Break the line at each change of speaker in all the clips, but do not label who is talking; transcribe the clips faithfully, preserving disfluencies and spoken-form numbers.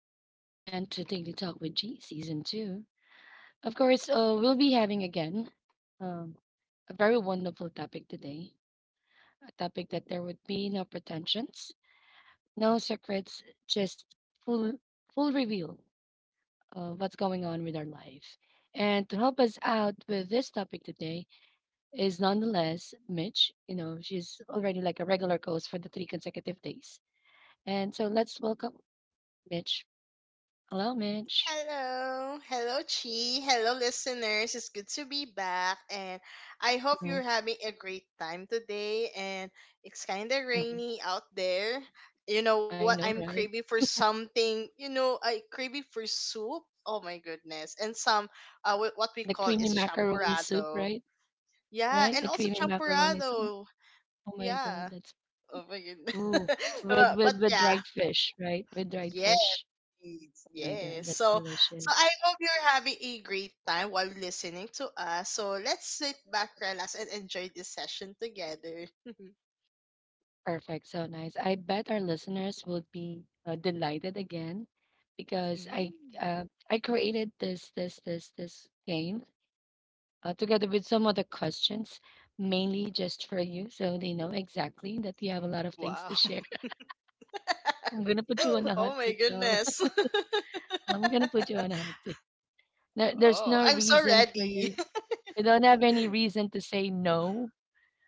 and welcome again to Daily Talk with G Season two. Of course, uh, we'll be having again um, a very wonderful topic today, a topic that there would be no pretensions, no secrets, just full, full reveal of what's going on with our life. And to help us out with this topic today is nonetheless Mitch. You know, she's already like a regular host for the three consecutive days. And so let's welcome Mitch. Hello, Mitch.
Hello, hello Chi, hello listeners. It's good to be back and I hope you're having a great time today and it's kind of
Mhm.
rainy out there. You know what?
I know,
I'm
right?
craving for something. You know, I craving for soup. Oh my goodness. And some uh wh- what we
The
call
creamy
is
macaroni soup,
champorado.
right?
Yeah,
Right?
and
The
also
creamy macaroni soup.
champorado.
Oh my God,
Yeah.
that's
Oh my goodness.
ooh. With
but but
with with
yeah.
dried fish, right? With
Yeah.
dried fish.
Yes.
Oh my
Yes.
God, that's
So, so
delicious.
I hope you're having a great time while listening to us. So let's sit back, relax, and enjoy this session together.
Perfect. So nice. I bet our listeners will be uh, delighted again because I
Mm.
uh, I created this this this this game uh, together with some other questions mainly just for you so they know exactly that you have a lot of things to share.
Wow.
I'm gonna put you on a hot
Oh my
seat though.
goodness.
I'm gonna put you on a hot seat. No, there's no
Oh, I'm so
reason for you.
ready.
You don't have any reason to say no.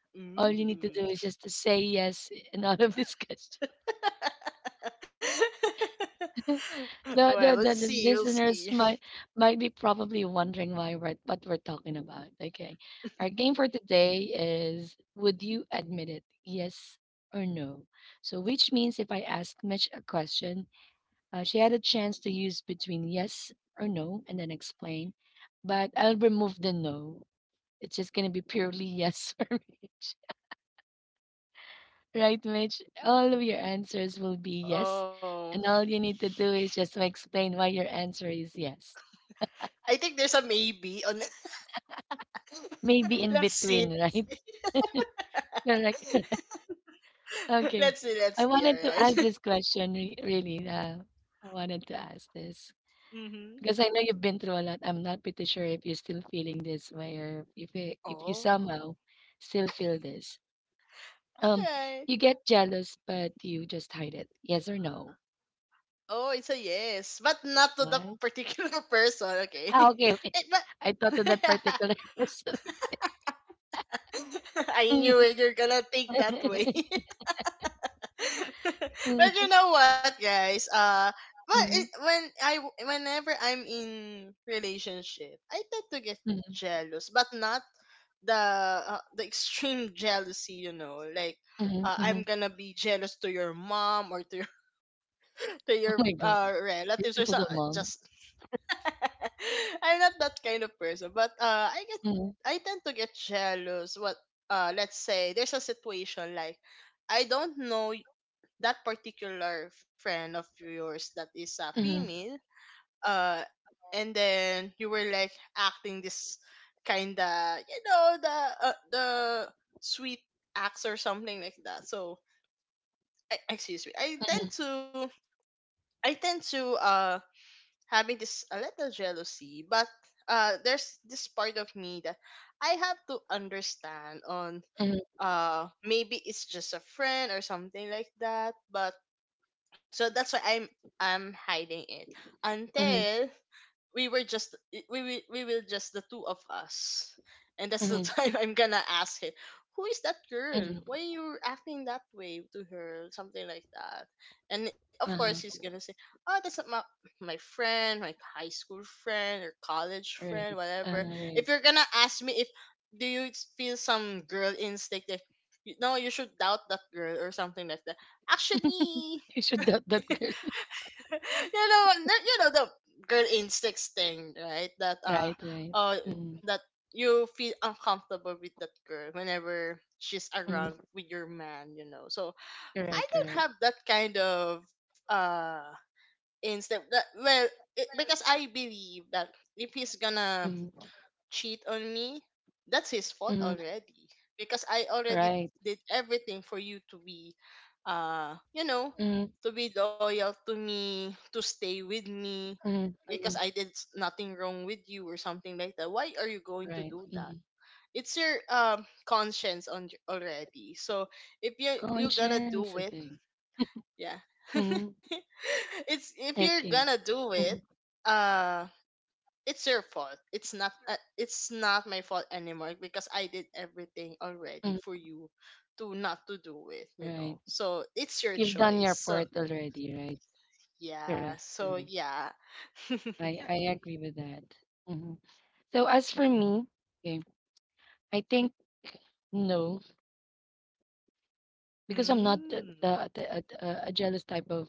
All you need to do is just to
Mm.
say yes in all of this question. the, the,
Well,
the,
we'll
the
see. We'll
listeners
see.
might might be probably wondering why we're what we're talking about. Okay. Our game for today is, would you admit it? Yes or no? So which means if I ask Mitch a question, Uh, she had a chance to use between yes or no and then explain, but I'll remove the no. It's just going to be purely yes for Mitch. Right, Mitch? All of your answers will be yes.
Oh,
And all you need to do is just to explain why your answer is yes.
I think there's a maybe on.
Maybe in
Let's see.
between, right? Correct. Okay.
Let's see.
I
Let's see. All
wanted to ask
right.
this question, re- really. Uh, I wanted to ask this.
Mm-hmm.
Because I know you've been through a lot. I'm not pretty sure if you're still feeling this way or if you, if you
Oh.
somehow still feel this. Um,
Right.
you get jealous, but you just hide it. Yes or no?
Oh, it's a yes, but not to the
What?
particular person, okay?
Ah, okay, okay.
Eh, but.
I thought of that particular person.
I knew
Mm-hmm,
it, you're gonna think that way. But you know what, guys? Uh, but it,
mhm,
when I whenever I'm in relationship, I tend to get jealous, but not the uh, the extreme jealousy, you know, like
mhm,
uh, I'm
mhm.
gonna be jealous to your mom or to your to your
Oh my
uh,
God.
relatives or
You've
so,
been to
uh,
the mall.
just. I'm not that kind of person, but uh, I get
Mhm,
I tend to get jealous. What? Uh, let's say there's a situation like I don't know y- that particular friend of yours that is a
mhm,
female, uh, and then you were like acting this kinda you know the uh, the sweet acts or something like that. So I, excuse me, I
mhm,
tend to I tend to um having this a little jealousy, but uh, there's this part of me that I have to understand on
mhm,
uh maybe it's just a friend or something like that. But so that's why I'm I'm hiding it
mhm,
until we were just we we we were just the two of us, and that's the
mhm,
time I'm gonna ask him, "Who is that girl?
mhm.
Why you acting that way to her?" Something like that. And of course he's
Uh-huh.
gonna say, "Oh, that's not my my friend, my high school friend or college friend,
Right. Uh,
whatever."
right.
If you're gonna ask me if do you feel some girl instinct that you know you should doubt that girl or something like that. Actually,
You should doubt that girl.
you know, n- you know the girl instincts thing, right? That uh,
Right, right.
uh,
Mm-hmm.
that you feel uncomfortable with that girl whenever she's around
Mm-hmm.
with your man, you know. So I
Correct,
don't have
correct.
that kind of uh instinct. That well, it, because I believe that if he's gonna
Mhm,
cheat on me, that's his fault
mhm,
already because I already
right.
did everything for you to be uh you know to
Mhm,
be loyal to me, to stay with me
mhm,
because I did
mhm,
s- nothing wrong with you or something like that. Why are you going to do that?
right. Mhm.
It's your um conscience on already. So if you you're gonna do it,
Conscience, okay.
yeah.
Mhm,
It's if you're gonna do
okay.
it,
Mhm,
uh it's your fault. It's not uh, it's not my fault anymore because I did everything already for you
mhm,
to not to do it, you
right.
know. So it's your
You've done
choice.
your
So
part already, right?
yeah,
Correct,
so
correct.
yeah.
I I agree with that. Hmm. So as for me, okay, I think no, because I'm not the,
Mm.
the, the a, a a jealous type of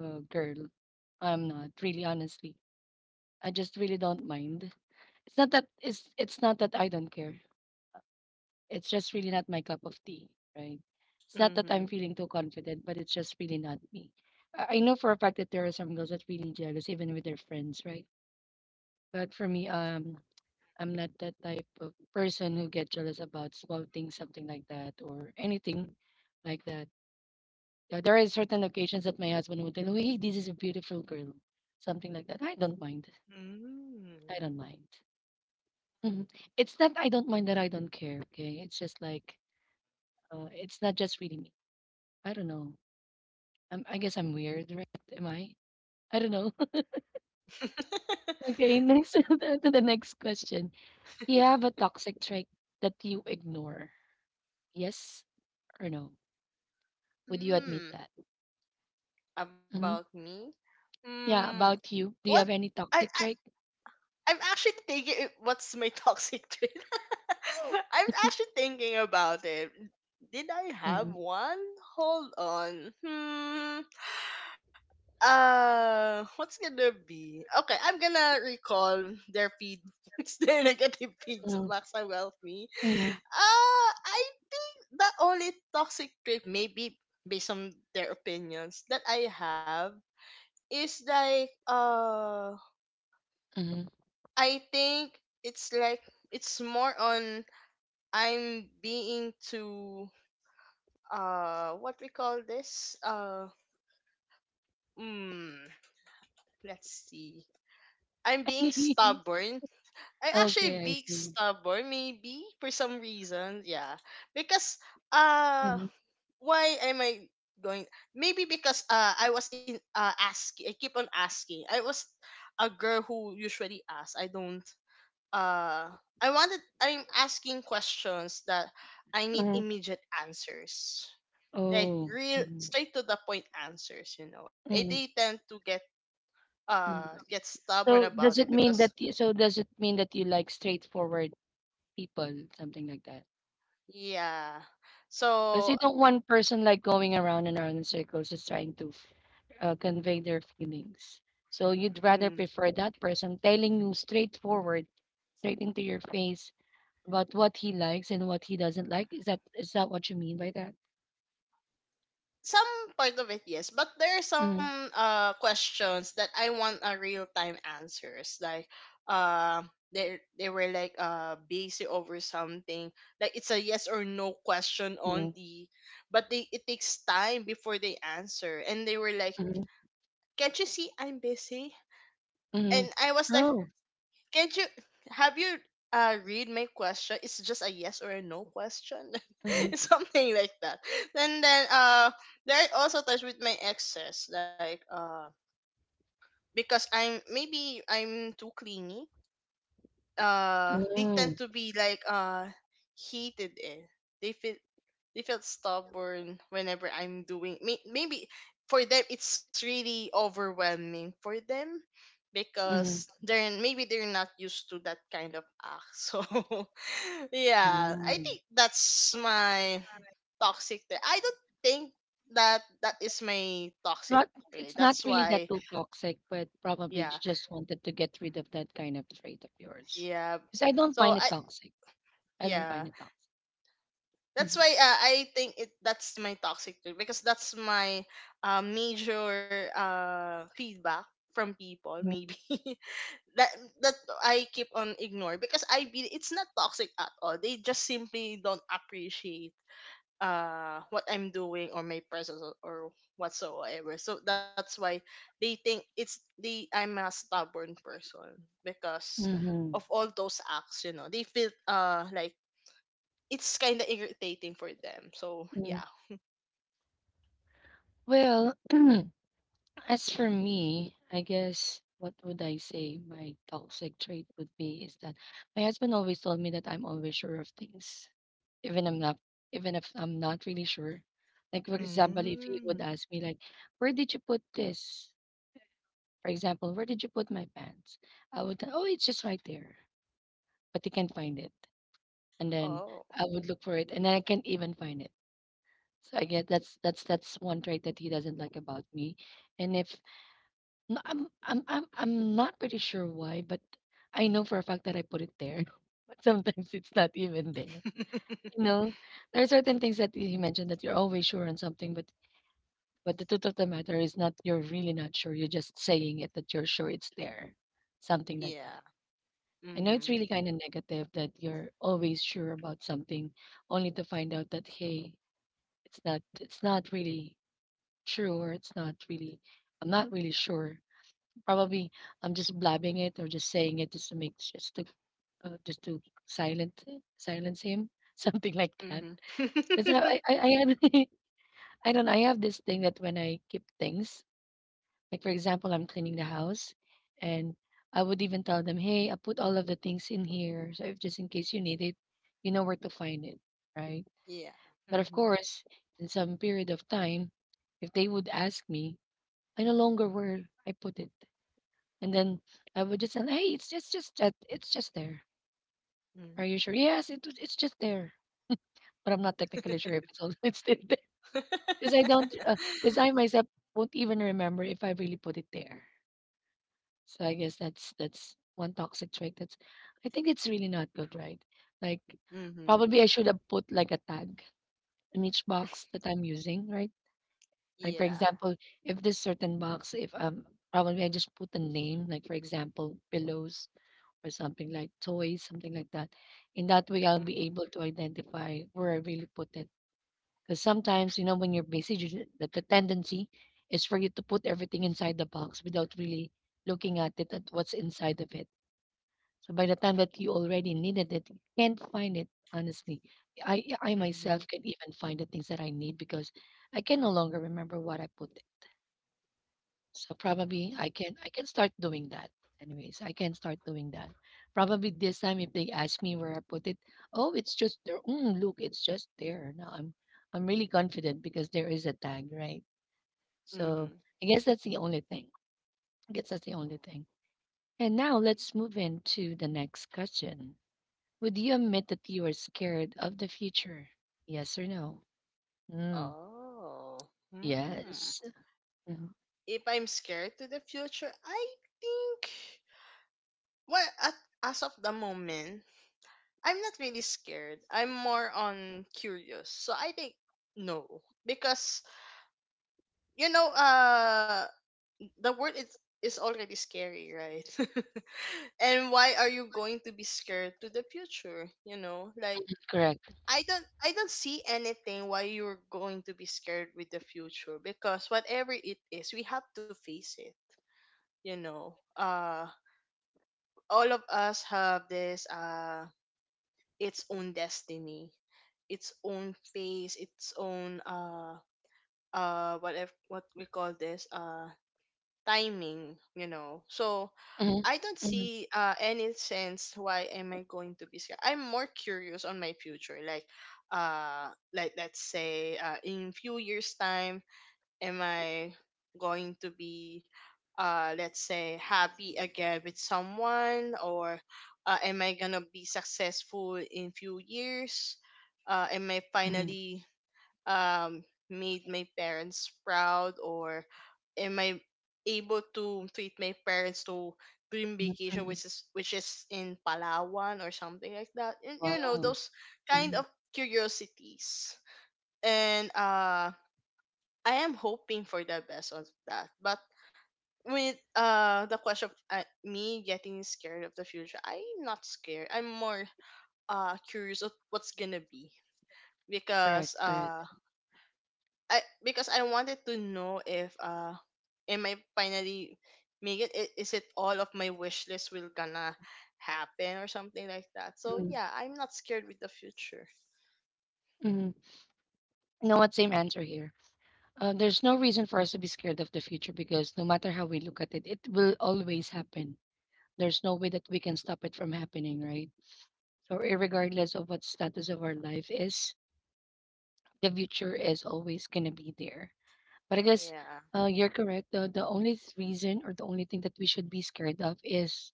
uh, girl. I'm not really, honestly. I just really don't mind. It's not that it's it's not that I don't care. It's just really not my cup of tea, right? It's not that I'm
Mhm.
feeling too confident, but it's just really not me. I, I know for a fact that there are some girls that really jealous even with their friends, right? But for me, um, I'm not that type of person who get jealous about small things, something like that, or anything like that. Uh, there are certain occasions that my husband would tell me, "Hey, this is a beautiful girl," something like that. I don't mind. I
Mm.
don't mind. Mhm. It's not I don't mind that I don't care. Okay, it's just like uh, it's not just really me. I don't know. Um, I guess I'm weird, right? Am I? I don't know. Okay, next to the next question. Do you have a toxic trait that you ignore? Yes or no? Would you admit
Hmm.
that? Hmm.
About me?
Yeah,
Hmm.
about you. Do you
What?
have any
I
toxic
I
trait?
I'm actually thinking it- what's my toxic trait. Oh. I'm actually thinking about it. Did I
Hmm.
have one? Hold on. Hmm. Uh, what's gonna be? Okay, I'm gonna recall their feedbacks, their negative
Hmm.
feedbacks about me.
Hmm.
Uh, I The only toxic trait maybe based on their opinions that I have is like uh I think it's like it's more on I'm being too uh what we call this uh mm, let's see, I'm being
hmm.
stubborn. I'm actually
Okay, I
being
see.
stubborn maybe for some reason, yeah. Because uh
Hmm.
why am I going, maybe because uh I was in uh asking, I keep on asking. I was a girl who usually asks. I don't uh I wanted, I'm asking questions that I need
Hmm.
immediate answers, like
Oh.
real
Hmm.
straight to the point answers, you know, and they
Hmm.
tend to get uh
Hmm.
get stubborn
So
about
does
it
it mean
because.
that you, so does it mean that you like straightforward people, something like that?
Yeah,
Because
so,
you don't want person like going around and around in circles just trying to uh, convey their feelings. So you'd rather
mm,
prefer that person telling you straightforward, straight into your face about what he likes and what he doesn't like. Is that is that what you mean by that?
some part of it, yes, but there are
Mm,
some uh questions that I want a real time answers, like uh they, they were like uh busy over something, like it's a yes or no question on
mm,
the, but they, it takes time before they answer, and they were like,
mm,
"Can't you see I'm busy?" And
mm.
I was like,
Oh.
"Can't you, have you uh read my question? It's just a yes or a no question."
Mm,
It's something like that. And then uh there are also times with my exes, like uh because I'm maybe I'm too clingy. Uh they tend
mm,
to be like uh hated in, they feel, they feel stubborn whenever I'm doing may, maybe for them it's really overwhelming for them because
mm,
they're maybe they're not used to that kind of act, so. Yeah, I
mm.
think that's my toxic trait. I don't think that that is my
It's
toxic
not
trait,
it's
that's
not really
why.
that too toxic, but probably you
Yeah,
just wanted to get rid of that kind of trait of yours.
yeah,
Because I don't
so
find it
I,
toxic. I don't
yeah,
find it toxic.
that's why
Mhm.
uh, I think it, that's my toxic trait because that's my uh, major uh, feedback from people maybe. that that I keep on ignoring because I be it's not toxic at all. They just simply don't appreciate uh what I'm doing or my presence, or, or whatsoever. So that's why they think it's they I'm a stubborn person because of
Mhm.
all those acts, you know. They feel uh like it's kind of irritating for them. So
Mm.
yeah.
Well, as for me, I guess what would I say my toxic trait would be is that my husband always told me that I'm always sure of things, even I'm not, even if I'm not really sure. Like for example, if he would
Mm.
ask me like, "Where did you put this?" For example, "Where did you put my pants?" I would, "Oh, it's just right there," but he can't find it, and then
Oh.
I would look for it, and then I can't even find it. So I get that's that's that's one trait that he doesn't like about me. And if no, I'm I'm I'm I'm not pretty sure why, but I know for a fact that I put it there. But sometimes it's not even there. You know, there are certain things that you mentioned that you're always sure on something, but but the truth of the matter is not you're really not sure. You're just saying it that you're sure it's there, something like
Yeah.
that. I know it's
Mhm.
really kind of negative that you're always sure about something, only to find out that hey, it's not it's not really true, or it's not really. I'm not really sure. Probably I'm just blabbing it or just saying it just to make just to uh, just to silence silence him, something like that.
Mhm.
Because I I, I had I don't know, I have this thing that when I keep things, like for example, I'm cleaning the house, and I would even tell them, hey, I put all of the things in here, so if just in case you need it, you know where to find it, right?
Yeah.
But of
Mhm.
course, in some period of time, if they would ask me I no longer where I put it. And then I would just say, hey, it's just, just that it's just there. Are
Mm.
you sure? Yes, it, was- it's just there. But I'm not technically sure if it's all it's still there. Because I don't because I myself won't even remember if I really put it there. So I guess that's that's one toxic trait that's I think it's really not good, right? Like
Mhm.
probably I should have put like a tag in each box that I'm using, right? Like for
Yeah.
example, if this certain box, if um probably I just put the name, like for example, pillows or something like toys, something like that. In that way, I'll
Mhm.
be able to identify where I really put it. Because sometimes, you know, when you're busy, you, ju- the, the tendency is for you to put everything inside the box without really looking at it at what's inside of it. So by the time that you already needed it, you can't find it. Honestly, I I
Mhm.
myself can even find the things that I need because I can no longer remember what I put so
Mhm.
probably I can I can start doing that. Anyways, I can start doing that. Probably this time if they ask me where I put it, oh, it's just there. Mm, look, it's just there. Now I'm I'm really confident because there is a tag, right? So
Mhm.
I guess that's the only thing. I guess that's the only thing. And now let's move into the next question. Would you admit that you are scared of the future? Yes or no? Mm,
Oh. Hmm.
yes. Mhm.
If I'm scared to the future, I think, well, at, as of the moment I'm not really scared. I'm more on curious. So I think no. Because, you know, uh the word is is already scary, right? And why are you going to be scared to the future? You know, like
Correct.
I don't I don't see anything why you're going to be scared with the future because whatever it is, we have to face it, you know. Uh all of us have this uh its own destiny, its own pace, its own uh uh whatever what we call this uh timing, you know. So
Mhm,
I
mhm,
don't see uh any sense why am I going to be scared. I'm more curious on my future, like uh like let's say uh in few years time, am I going to be, uh, let's say, happy again with someone, or uh, am I gonna be successful in few years? Uh, am I
mhm,
finally um, made my parents proud, or am I able to treat my parents to
mhm,
dream
mhm.
vacation, which is which is in Palawan or something like that? And, you
Wow.
know, those
Mhm.
kind of curiosities, and uh I am hoping for the best of that. But with uh the question of uh, me getting scared of the future, I'm not scared. I'm more uh curious of what's gonna be
Correct,
because
correct.
uh I because I wanted to know if uh am I finally make it, I- is it all of my wish list will gonna happen or something like that. So
Mhm,
yeah, I'm not scared with the future.
mhm. You know what? Same answer here. Uh, there's no reason for us to be scared of the future because no matter how we look at it, it will always happen. There's no way that we can stop it from happening, right? So, regardless of what status of our life is, the future is always gonna be there. But I guess
Yeah.
uh, you're correct. The the only th- reason or the only thing that we should be scared of is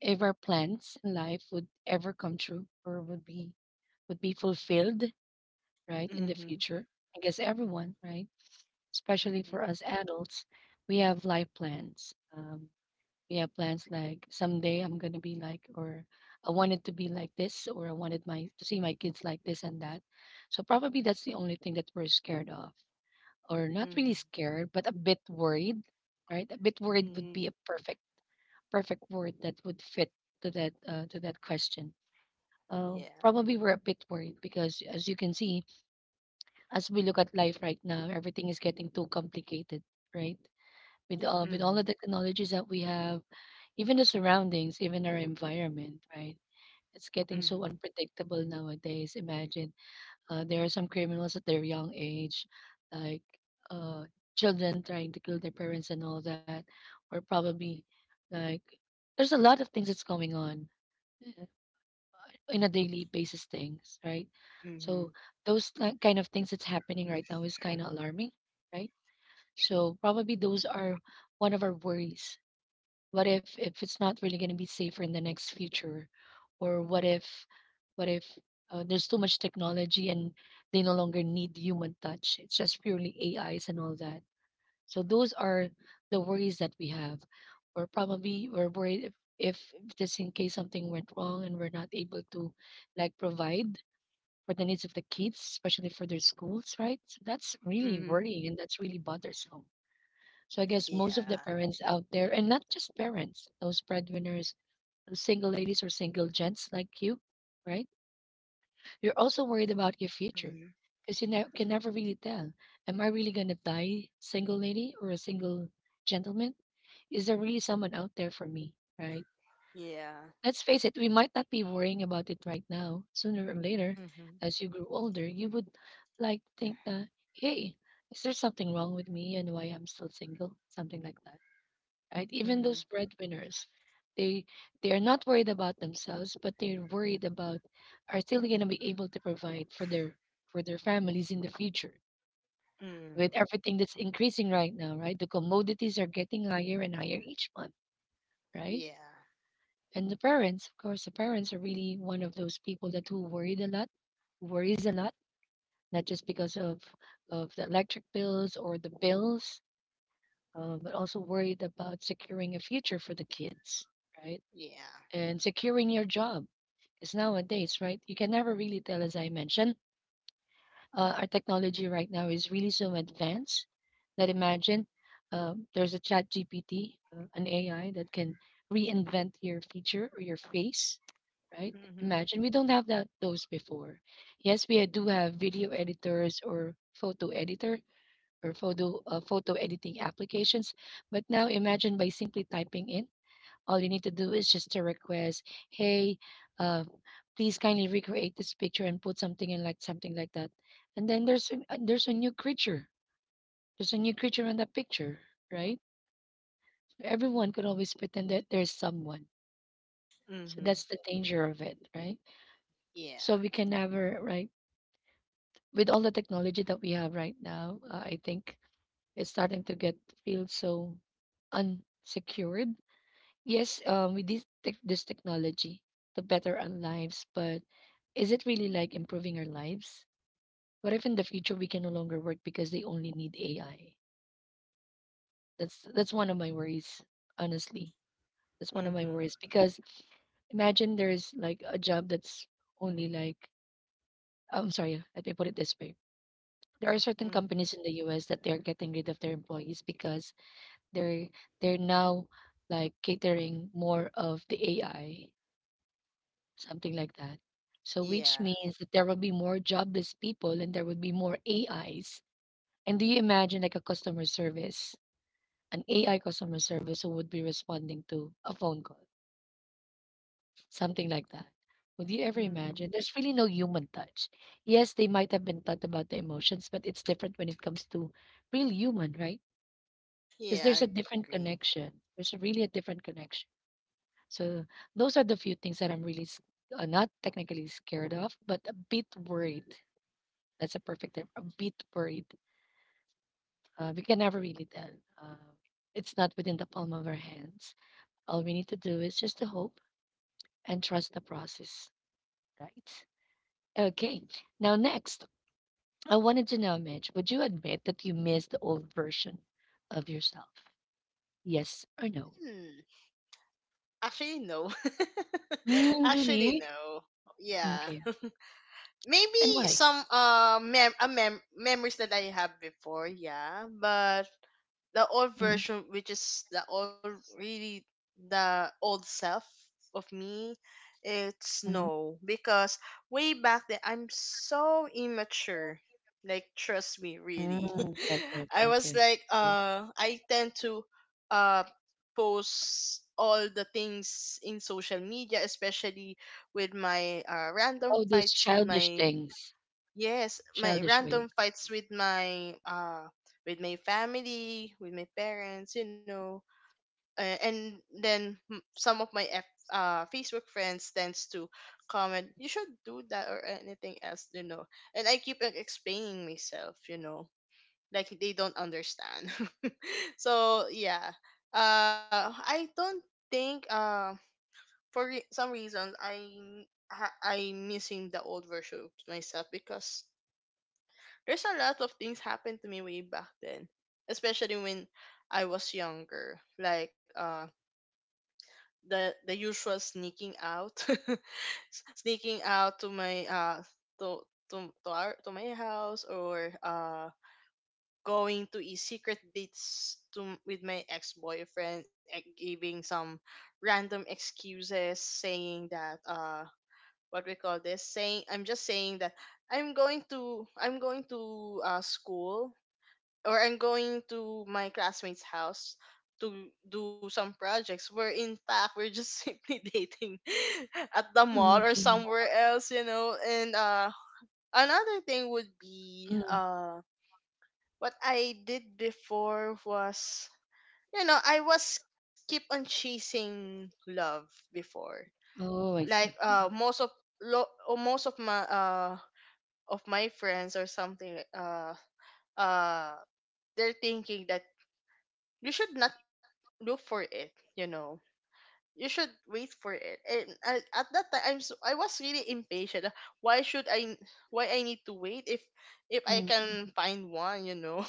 if our plans in life would ever come true or would be would be fulfilled, right? In the
Mhm.
future, I guess everyone, right? Especially for
Mhm.
us adults, we have life plans. Um, we have plans like someday I'm gonna be like, or I wanted to be like this, or I wanted my to see my kids like this and that. So probably that's the only thing that we're scared of, or not really
Mhm.
scared, but a bit worried, right? A bit worried would be
Mhm.
a perfect perfect word that would fit to that uh, to that question. Uh,
Yeah.
probably we're a bit worried because as you can see as we look at life right now, everything is getting too complicated, right? With all with all the
Mhm.
technologies that we have, even the surroundings, even our environment, right? It's getting so
Mhm.
unpredictable nowadays. Imagine uh, there are some criminals at their young age, like uh, children trying to kill their parents and all that, or probably like there's a lot of things that's going on in a daily basis things, right? So
Mhm.
those like kind of things that's happening right now is kind of alarming, right? So probably those are one of our worries. What if if it's not really going to be safer in the next future, or what if what if uh, there's too much technology and they no longer need human touch? It's just purely A Is and all that. So those are the worries that we have. Or probably we're worried if, if if just in case something went wrong and we're not able to like provide for the needs of the kids, especially for their schools, right? So that's really
Mm-hmm.
worrying and that's really bothersome. So I guess most of the
Yeah.
parents out there, and not just parents, those breadwinners, those single ladies or single gents like you, right? You're also worried about your future
Mm-hmm.
because you ne- can never really tell. Am I really going to die single lady or a single gentleman? Is there really someone out there for me? Right?
Yeah.
Let's face it, we might not be worrying about it right now. Sooner or later,
Mm-hmm.
as you grow older, you would like to think that, hey, is there something wrong with me and why I'm still single? Something like that, right? Even
Mm-hmm.
those breadwinners, they they are not worried about themselves, but they're worried about are still going to be able to provide for their for their families in the future with
Mm.
everything that's increasing right now, right? The commodities are getting higher and higher each month, right?
Yeah.
And the parents, of course, the parents are really one of those people that who worried a lot, worries a lot, not just because of of the electric bills or the bills, uh, but also worried about securing a future for the kids, right?
Yeah.
And securing your job. Because nowadays, right, you can never really tell, as I mentioned, uh, our technology right now is really so advanced that imagine um, there's a chat G P T, uh, an A I that can reinvent your feature or your face, right?
Mm-hmm.
Imagine we don't have that those before. Yes, we do have video editors or photo editor or photo uh, photo editing applications, but now imagine by simply typing in all you need to do is just to request, "Hey, uh, please kindly recreate this picture and put something in like something like that." And then there's a, uh, there's a new creature. There's a new creature in that picture, right? Everyone could always pretend that there's someone. So
Mm-hmm.
that's the danger of it, right? So
Yeah.
we can never, right? With all the technology that we have right now, uh, I think it's starting to get feel so unsecured. Yes, um, with this tech this technology to better our lives, but is it really like improving our lives? What if in the future we can no longer work because they only need A I? That's that's one of my worries, honestly. That's one of my
Mm-hmm.
worries because imagine there's like a job that's only like I'm sorry, yeah, let me put it this way. There are certain companies
Mm-hmm.
in the U S that they're getting rid of their employees because they're they're now like catering more of the A I something like that. So, which
Yeah.
means that there will be more jobless people and there will be more A Is. And do you imagine like a customer service, an A I customer service who would be responding to a phone call, something like that? Would you ever
Mm-hmm.
imagine? There's really no human touch. Yes, they might have been taught about the emotions, but it's different when it comes to real human, right? Because
Yeah,
there's
I
a different
agree.
connection. There's a really a different connection. So those are the few things that I'm really s- uh, not technically scared of, but a bit worried. That's a perfect term. A bit worried. Uh, we can never really tell. Uh, it's not within the palm of our hands. All we need to do is just to hope and trust the process, right? Okay. Now, next, I wanted to know, Mitch, would you admit that you miss the old version of yourself? Yes or no?
Hmm. Actually, no.
Mm,
Actually,
really?
no. Yeah.
Okay. And
Maybe
why?
some uh mem- a mem- memories that I have before, yeah. But the old
Mm.
version, which is the old, really, the old self of me, it's
Mhm.
no, because way back then I'm so immature, like trust me,
Mm,
really.
okay,
I
okay,
was
okay,
like,
okay.
uh I tend to uh post all the things in social media, especially with my uh random
Oh, those
fights with
childish
my.
things,
Yes, my
childish ways.
random fights with my uh with my family, with my parents, you know, uh, and then m- some of my F, uh Facebook friends tends to comment, you should do that or anything else, you know. And I keep on explaining myself, you know, like they don't understand. So yeah, uh, I don't think uh for re- some reason I ha- I'm missing the old version of myself because there's a lot of things happened to me way back then, especially when I was younger. Like uh the the usual sneaking out, s- sneaking out to my uh to to to, our, to my house or uh going to a secret dates to m- with my ex boyfriend, giving some random excuses, saying that uh what we call this saying I'm just saying that I'm going to I'm going to uh, school or I'm going to my classmate's house to do some projects, where in fact we're just simply dating at the mall or
Mm-hmm.
somewhere else, you know. And uh another thing would be uh what I did before was you know, I was keep on chasing love before.
Oh,
Like
I see.
uh most of lo- or most of my uh of my friends or something like uh uh they're thinking that you should not look for it you know You should wait for it. And I, at that time I'm so, i was really impatient. Why should I? Why i need to wait if if i can find one you know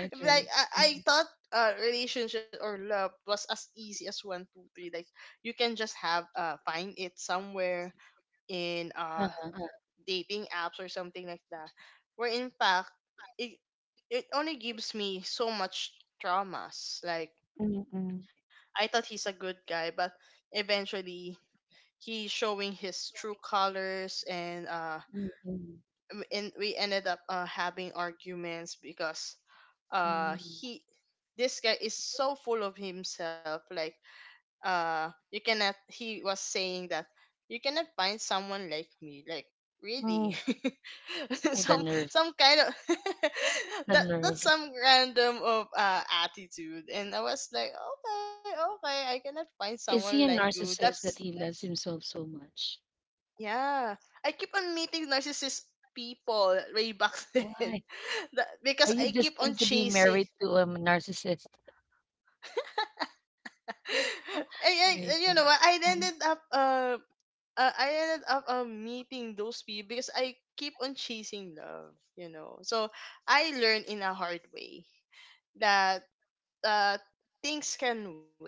Right,
like
right.
i, I thought uh, relationship or love was as easy as one two three, like you can just have uh find it somewhere in uh
Uh-huh, uh. uh.
dating apps or something like that, where in fact it it only gives me so much traumas. Like I thought he's a good guy, but eventually he's showing his true colors. And uh, w- and we ended up uh, having arguments because uh he this guy is so full of himself. Like uh you cannot he was saying that you cannot find someone like me, like, really.
Oh, the
some
nerve.
some kind of
The
that
nerve.
that's some random of uh attitude. And I was like, okay, okay, I cannot find someone
Is
like
he a
you.
narcissist
That's
that he loves himself so much?
yeah. I keep on meeting narcissist people way back then.
Why?
That, because
Are you
I keep on
destined to be
chasing.
married to a narcissist?
I, I,
Oh,
you
my
know what?
God.
I ended
Mhm.
up uh uh, I ended up um, meeting those people because I keep on chasing love, you know. So I learned in a hard way that uh, things can wait,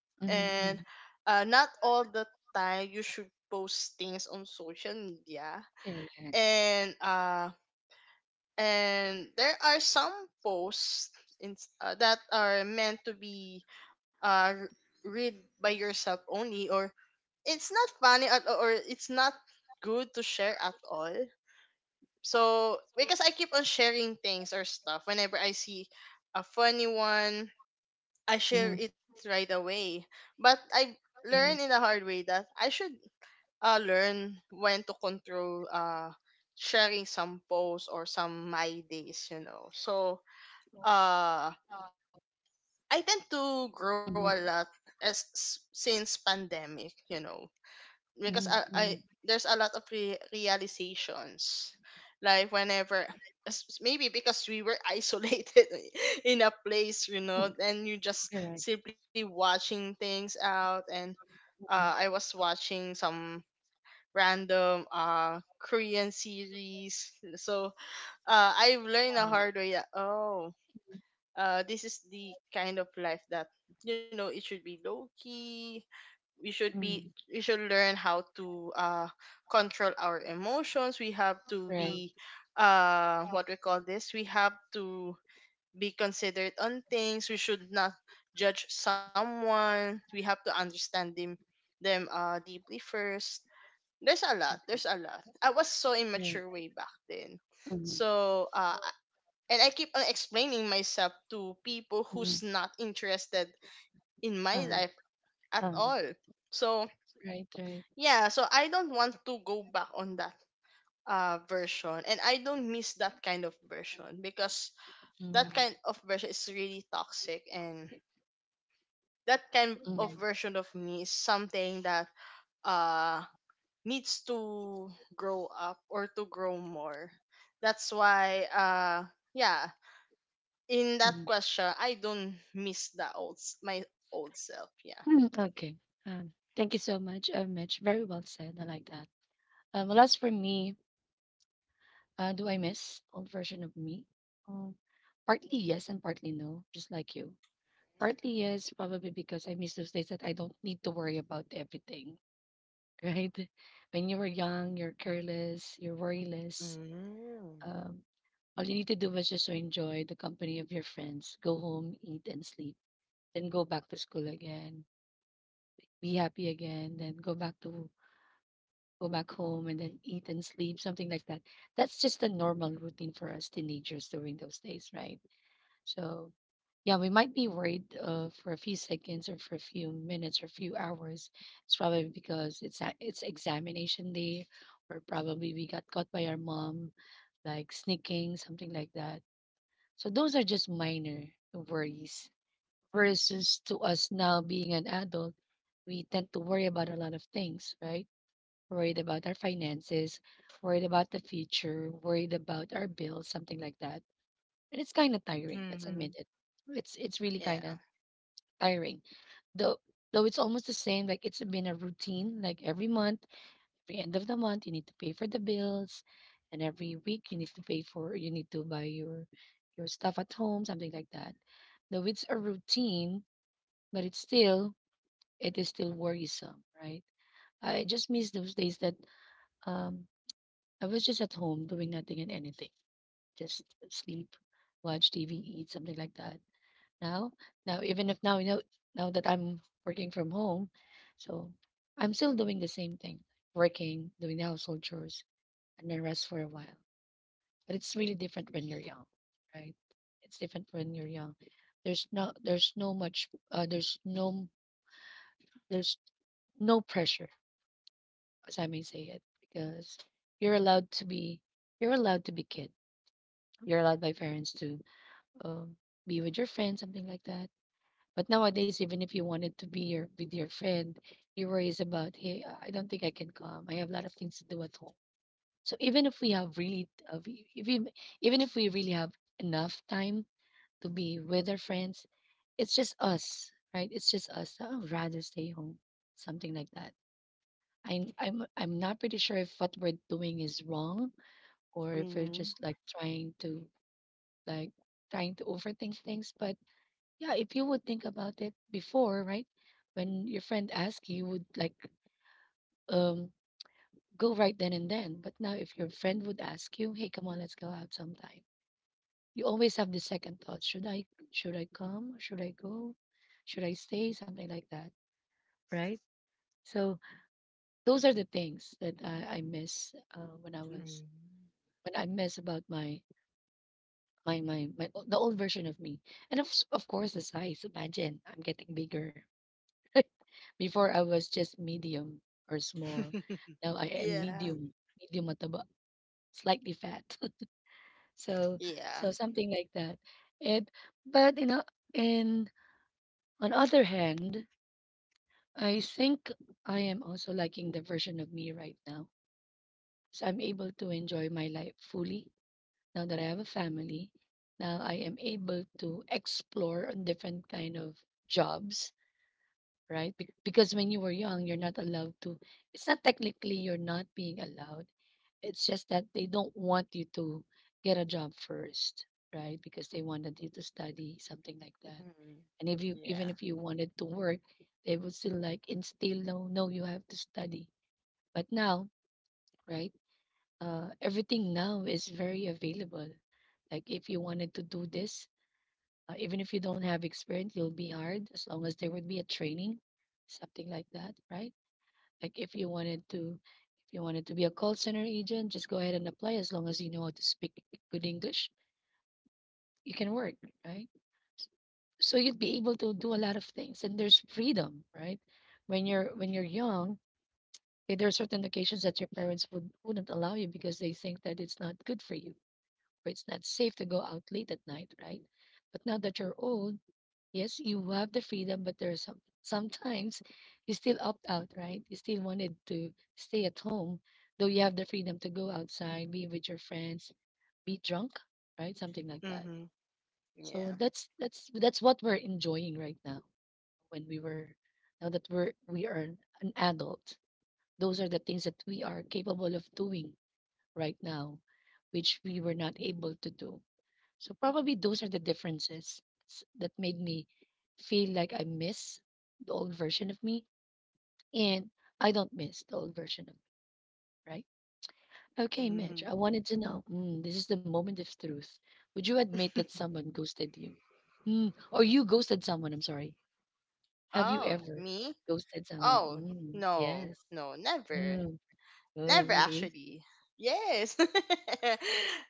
and
Mm-hmm.
uh, not all the time you should post things on social media.
Correct.
And uh, and there are some posts in, uh, that are meant to be uh, read by yourself only, or it's not funny at all, or it's not good to share at all. So because I keep on sharing things or stuff whenever I see a funny one, I share it right away. But I learned
Mm-hmm.
in the hard way that I should uh, learn when to control uh sharing some posts or some my days, you know. So uh I tend to
Mm-hmm.
grow a lot as since pandemic, you know, because I,
Mm-hmm.
I there's a lot of re- realizations. Like whenever as- maybe because we were isolated in a place, you know, and you just
Correct.
simply watching things out. And uh,
Mhm.
i was watching some random uh Korean series. So uh I've learned the
Correct.
hard way that, oh, uh this is the kind of life that, you know, it should be low key. We should be
Mhm.
we should learn how to uh control our emotions. We have to
Right.
be uh what we call this we have to be considerate on things. We should not judge someone. We have to understand them them uh deeply first. There's a lot there's a lot. I was so immature way back then.
Hmm.
So uh and I keep on explaining myself to people who's not interested in my life
Hmm.
at
Uh,
all. So
Right, right.
yeah, so I don't want to go back on that uh version, and I don't miss that kind of version because that
Mm,
kind of version is really toxic, and that kind of
mm,
version of me is something that uh needs to grow up or to grow more. That's why uh yeah, in that
mm.
question, I don't miss the old s- my old self. Yeah.
Mm, okay. Um, thank you so much, uh, Mitch. Very well said. I like that. Um, well, as for me, uh, do I miss old version of me? Um, Partly yes, and partly no, just like you. Partly yes, probably because I miss those days that I don't need to worry about everything, right? When you were young, you're careless, you're worryless.
Mm.
Um, all you need to do was just to enjoy the company of your friends, go home, eat, and sleep, then go back to school again, be happy again, then go back to go back home and then eat and sleep, something like that. That's just a normal routine for us teenagers during those days, right? So yeah, we might be worried uh, for a few seconds or for a few minutes or few hours. It's probably because it's a, it's examination day, or probably we got caught by our mom like sneaking, something like that. So those are just minor worries. Versus to us now being an adult, we tend to worry about a lot of things, right? Worried about our finances, worried about the future, worried about our bills, something like that. And it's kind of tiring. Let's admit
Mhm.
it. It's it's really kind
Yeah.
of tiring. Though though it's almost the same. Like it's been a routine. Like every month, every end of the month, you need to pay for the bills, and every week you need to pay for you need to buy your your stuff at home, something like that. Though it's a routine, but it's still it is still worrisome, right? I just miss those days that um I was just at home doing nothing and anything, just sleep, watch T V, eat something like that. Now, now even if now you know now that I'm working from home, so I'm still doing the same thing, working, doing the household chores, and then rest for a while. But it's really different when you're young, right? It's different when you're young. There's no there's no much uh, there's no there's no pressure, as I may say it, because you're allowed to be you're allowed to be kid. You're allowed by parents to um, be with your friends, something like that. But nowadays, even if you wanted to be your, with your friend, your worry is about, hey, I I don't think I can come. I have a lot of things to do at home. So even if we have really, uh, we- if we, even if we really have enough time to be with our friends, it's just us, right? It's just us. I would rather stay home, something like that. I'm I'm I'm not pretty sure if what we're doing is wrong or if we're just
Mm.
like trying to like trying to overthink things. But yeah, if you would think about it before, right? When your friend asks you, would like um go right then and then. But now if your friend would ask you, hey, come on, let's go out sometime. You always have the second thought. Should I should I come? Should I go? Should I stay? Something like that. Right? So those are the things that I, I miss uh, when I was
Mm.
when I miss about my my my my o- the old version of me. And of s- of course the size. Imagine I'm getting bigger. Before I was just medium or small. Now I am medium,
Yeah,
medium mataba, slightly fat. So so
yeah.
something like that. And but you know, and on other hand, I think I am also liking the version of me right now. So I'm able to enjoy my life fully now that I have a family. Now I am able to explore on different kind of jobs, right? Bec- Because when you were young, you're not allowed to. It's not technically you're not being allowed. It's just that they don't want you to get a job first, right? Because they wanted you to study something like that.
Mhm.
And if you even if
Yeah.
you wanted to work, they would still like instill no, no, you have to study. But now, right? Uh, everything now is very available. Like if you wanted to do this, uh, even if you don't have experience, you'll be hired as long as there would be a training, something like that, right? Like if you wanted to if you wanted to be a call center agent, just go ahead and apply as long as you know how to speak good English, you can work, right? So you'd be able to do a lot of things and there's freedom, right? When you're when you're young, eh, there are certain occasions that your parents would wouldn't allow you because they think that it's not good for you or it's not safe to go out late at night, right? But now that you're old, yes, you have the freedom, but there are some sometimes you still opt out, right? You still wanted to stay at home, though you have the freedom to go outside, be with your friends, be drunk, right? Something like that.
Mhm.
So
Yeah.
that's that's that's what we're enjoying right now. When we were now that we're we are an an adult, those are the things that we are capable of doing right now, which we were not able to do, so probably those are the differences s- that made me feel like I miss the old version of me, and I don't miss the old version of me, right? Okay, Mitch, I
Mhm.
wanted to know. Mm, this is the moment of truth. Would you admit that someone ghosted you? Mm, or you ghosted someone, I'm sorry. Have you
Oh,
ever
me?
ghosted someone?
Oh,
Mm,
no.
yes.
No, never.
Mm, oh,
Never
really?
actually. Yes.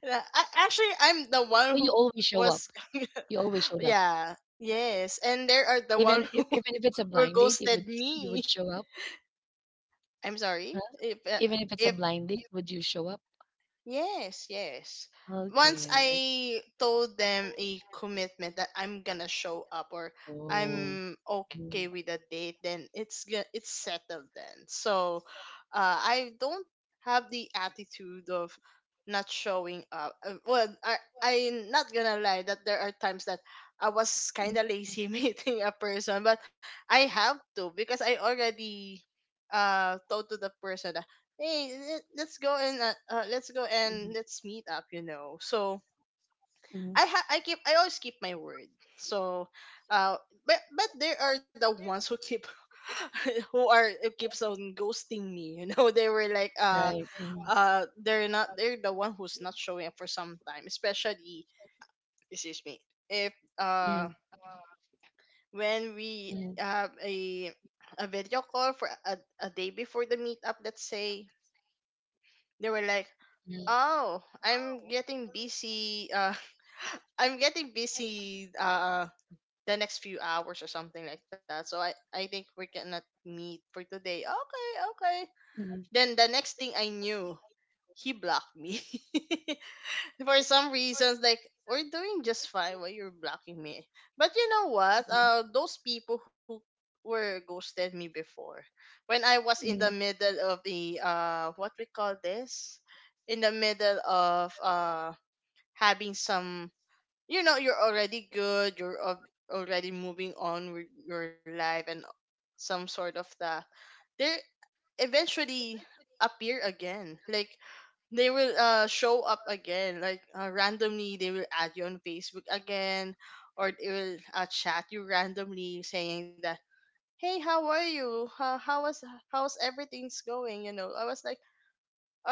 Yeah, a- actually, I'm the one
So
who
you always show
was
up. You always showed up.
yeah. Yes, and there are the one
Even if
who
even if it's a
were
blind date, you
ghosted
would you
me.
would show up.
I'm sorry.
Huh?
If uh,
Even if it's a
if
blind date, would you show up?
yes, yes. Once
Okay, I see.
I told them a commitment that I'm gonna show up, or
Oh.
I'm okay
Mm.
with a date, then it's go- it's settled then. So, uh, I don't have the attitude of not showing up. Uh, Well, I I'm not gonna lie that there are times that I was kind
Mhm,
of lazy meeting a person, but I have to because I already uh told to the person, hey, let- let's go and uh, uh, let's go
mhm,
and let's meet up, you know. So
mhm.
i ha- i keep i always keep my word. So uh but but there are the ones who keep who are who keeps on ghosting me, you know. They were like uh
Right. Mhm,
uh they're not, they're the one who's not showing up for some time, especially, excuse me, if uh when we
mhm,
have a a video call for a, a day before the meetup, let's say. They were like,
mhm,
oh, I'm getting busy. Uh, I'm getting busy. Uh, the next few hours or something like that. So I, I think we cannot meet for today. Okay, okay.
mhm,
Then the next thing I knew, he blocked me. For some reasons, like, we're doing just fine while you're blocking me. But you know what, uh those people who were ghosted me before, when I was in the
mhm,
middle of the uh what we call this in the middle of uh having some, you know, you're already good, you're al- already moving on with your life and some sort of that, they eventually appear again. Like, they will uh show up again, like, uh, randomly they will add you on Facebook again, or they will uh, chat you randomly, saying that, hey, how are you, how, how was how's everything's going, you know. I was like,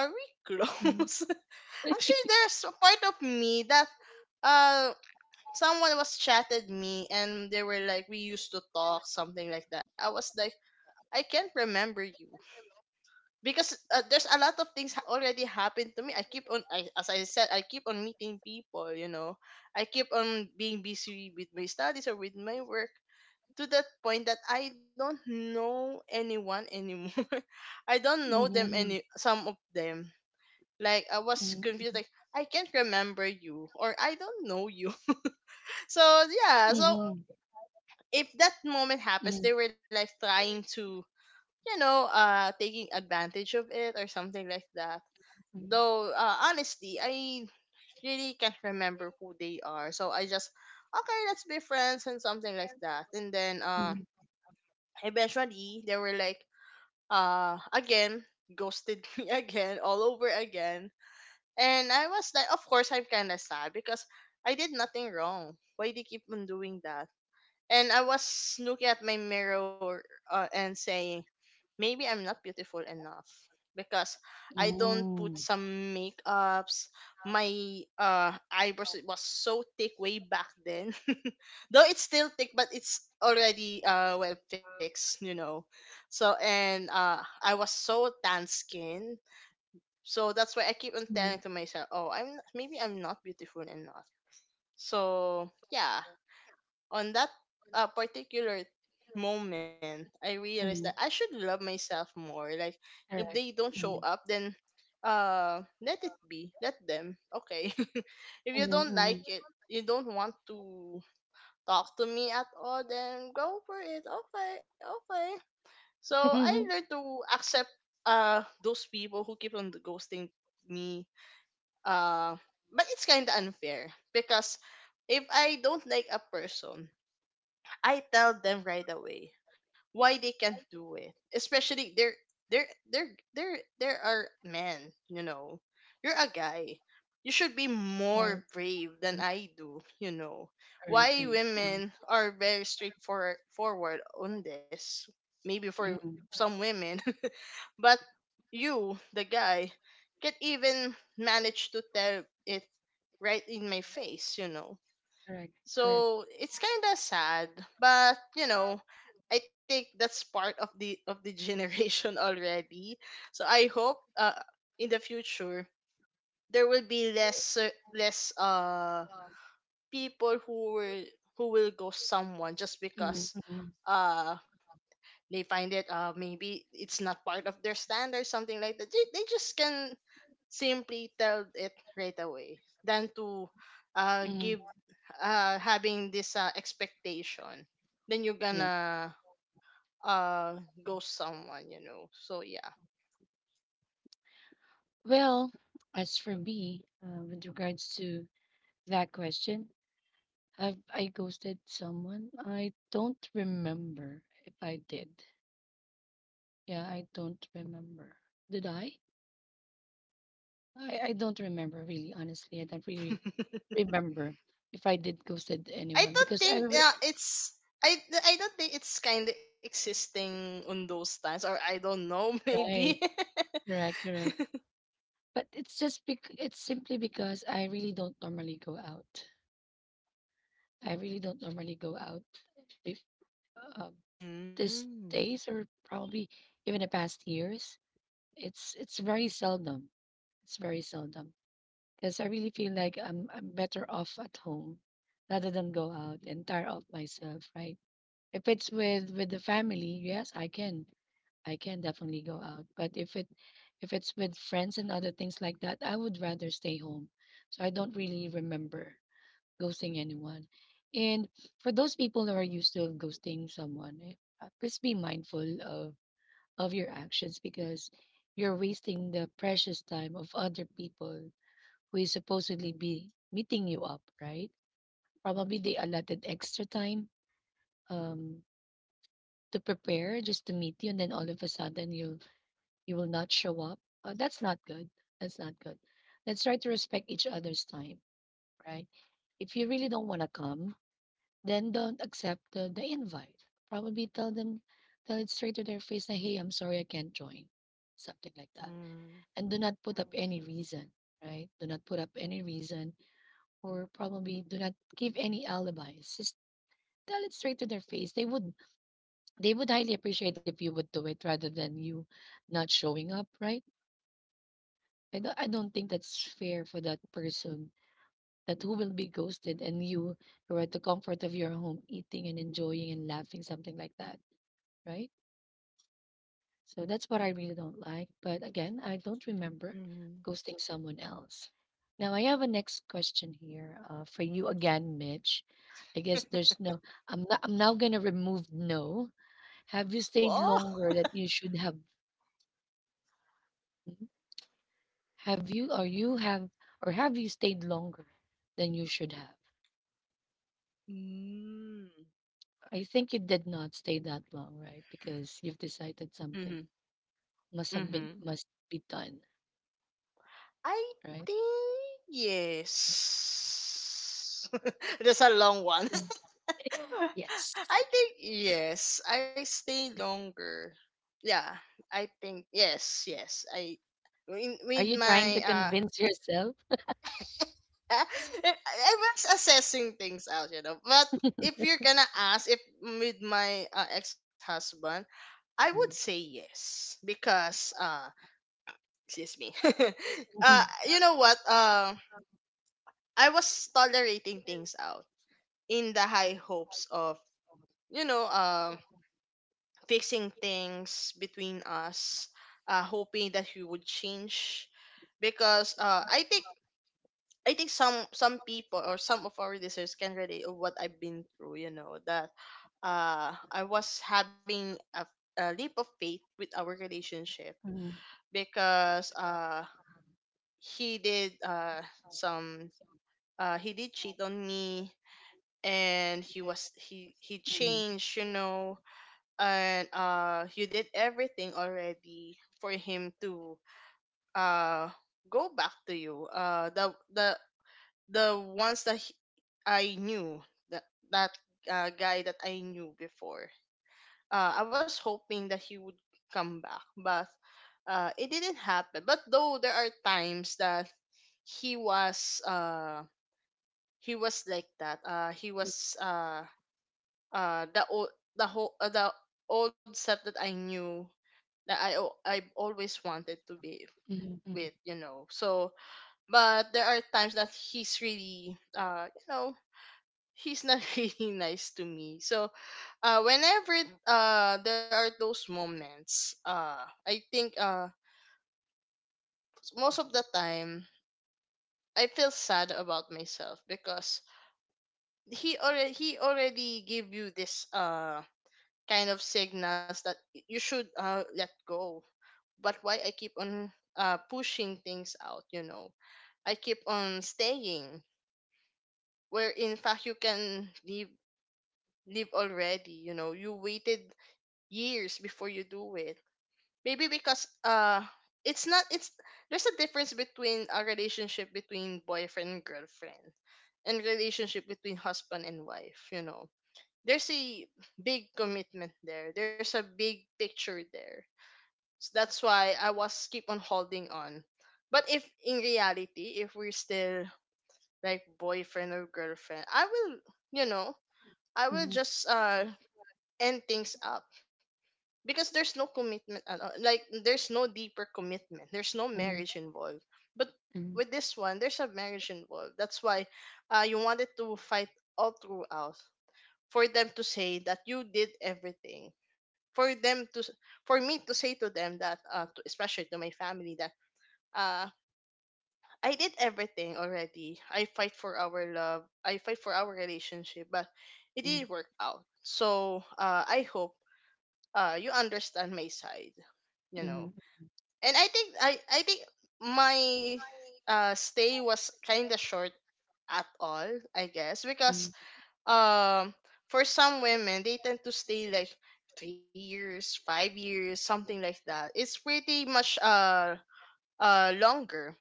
are we
mhm,
close? Actually, there's a part of me that uh someone was chatted me, and they were like, we used to talk, something like that. I was like, I can't remember you, because uh, there's a lot of things ha- already happened to me. I keep on I, as I said, I keep on meeting people, you know. I keep on being busy with my studies or with my work, to that point that I don't know anyone anymore. I don't know
mhm,
them,
mhm,
any some of them. Like, I
mhm, mhm,
was
mhm,
confused, like, I can't remember you, or I don't know you. So
mhm,
yeah, so
mhm.
if that moment happens, they were like trying to, you know, uh, taking advantage of it or something like that. Though, uh, honestly, I really can't remember who they are. So I just, okay, let's be friends and something like that. And then, uh, eventually, they were like, uh, again, ghosted me again, all over again. And I was like, of course, I'm kind of sad because I did nothing wrong. Why they keep on doing that? And I was looking at my mirror, uh, and saying, maybe I'm not beautiful enough because I don't put some makeups. My uh, eyebrows, it was so thick way back then. Though it's still thick, but it's already uh, well fixed, you know. So, and uh, I was so tan skin. So that's why I keep on telling
Mhm,
to myself, oh, I'm maybe I'm not beautiful enough. So yeah, on that uh, particular moment, I realized that I
mhm.
should love myself more. Like, if they
Correct.
don't show
Mhm,
up, then uh, let it be. Let them. Okay. If you don't like
mhm,
it, you don't want to talk to me at all, then go for it. Okay, okay. So I learned
mhm.
to accept uh those people who keep on ghosting me. Uh, but it's kind of unfair because if I don't like a person, I tell them right away. Why they can't do it? Especially there there there there there are men, you know. You're a guy. You should be
Right,
more brave than I do, you know.
right,
Why
right. Mhm,
women are very straightforward forward on this? Maybe for
mhm.
some women. But you, the guy, can even manage to tell it right in my face, you know.
Correct, correct.
So it's kind of sad, but you know, I think that's part of the of the generation already. So I hope, uh, in the future, there will be less uh, less uh people who will who will go someone just
Mhm,
because
mhm,
uh they find it, uh maybe it's not part of their standard, something like that. They, they just can simply tell it right away than to uh
mhm.
give uh having this uh, expectation, then you're
Yep.
gonna uh ghost someone, you know. So yeah.
Well, as for me, uh, with regards to that question, have I ghosted someone? I don't remember if I did. Yeah, I don't remember. Did I? I, I don't remember really, honestly. I don't really
I
remember if I did ghosted anyone
don't
because I
think
re-
uh, it's I, I don't think it's kind of existing on those times, or I don't know. Maybe.
right, correct, correct. But it's just bec- it's simply because I really don't normally go out. I really don't normally go out. If, um, these
Hmm.
days or probably even the past years, it's it's very seldom. It's very seldom because I really feel like I'm I'm better off at home rather than go out and tire out myself. Right? If it's with with the family, yes, I can I can definitely go out. But if it if it's with friends and other things like that, I would rather stay home. So I don't really remember ghosting anyone. And for those people who are used to ghosting someone, eh, uh, please be mindful of of your actions because you're wasting the precious time of other people who is supposedly be meeting you up, right? Probably they allotted extra time, um, to prepare just to meet you, and then all of a sudden you you will not show up. Uh, that's not good. That's not good. Let's try to respect each other's time, right? If you really don't want to come, then don't accept the, the invite. Probably tell them, tell it straight to their face that hey, I'm sorry, I can't join, something like that,
Mm.
and do not put up any reason, right? Do not put up any reason, or probably do not give any alibis. Just tell it straight to their face. They would they would highly appreciate if you would do it rather than you not showing up, right? I don't, I don't think that's fair for that person that who will be ghosted and you who are at the comfort of your home eating and enjoying and laughing, something like that, right? So that's what I really don't like. But again, I don't remember
Mm.
ghosting someone else. Now I have a next question here, uh, for you again, Mitch. I guess there's no. I'm not, I'm now gonna remove no. Have you stayed
Whoa.
longer that you should have? Mhm. Have you or you have or have you stayed longer than you should have?
Mm.
I think you did not stay that long, right? Because you've decided
Mm-hmm.
something must have been
Mm-hmm.
must be done,
I
right?
think yes. That's a long one.
Mm. Yes.
I think yes. I stay longer. Yeah, I think yes, yes. I with,
Are
with
you trying to
my uh,
convince yourself?
I was assessing things out, you know. But if you're gonna ask if with my uh, ex husband, I would say
Mm.
yes because uh, excuse me. uh, you know what? Uh, I was tolerating things out in the high hopes of you know uh, fixing things between us, uh, hoping that we would change because uh, i think i think some some people or some of our listeners can relate of what I've been through, you know that uh, I was having a, a leap of faith with our relationship
Mm,
because uh, he did uh, some uh, he did cheat on me. And he was he he
mm,
changed, you know and uh you did everything already for him to uh go back to you, uh the the the ones that he- I knew that that uh, guy that I knew before. uh I was hoping that he would come back, but uh it didn't happen. But though there are times that he was uh he was like that, uh he was uh uh the old the whole uh, the old set that I knew, that I al- I always wanted to be
mm,
with, you know. So, but there are times that he's really, uh, you know, he's not really nice to me. So, uh, whenever uh there are those moments, uh, I think uh most of the time I feel sad about myself because he already he already gave you this uh kind of signals that y- you should uh let go, but why I keep on uh, pushing things out, you know. I keep on staying where in fact you can leave leave already, you know. You waited years before you do it. Maybe because uh it's not it's there's a difference between a relationship between boyfriend and girlfriend and relationship between husband and wife, you know. There's a big commitment there. There's a big picture there. So that's why I was keep on holding on. But if in reality, if we're still like boyfriend or girlfriend, I will, you know, I will just uh end things up because there's no commitment at all. Like there's no deeper commitment. There's no
mm,
marriage involved. But
mm, mm,
with this one, there's a marriage involved. That's why uh you wanted to fight all throughout for them to say that you did everything for them to s- for me to say to them that, uh to, especially to my family, that uh I did everything already. I fight for our love, I fight for our relationship, but it
mm,
didn't work out. So uh I hope uh you understand my side, you
mm,
know
mm,
and i think i i think my uh stay was kind of short at all, I guess,
mm,
because
mm,
um for some women they tend to stay like three years, five years, something like that. It's pretty much uh uh longer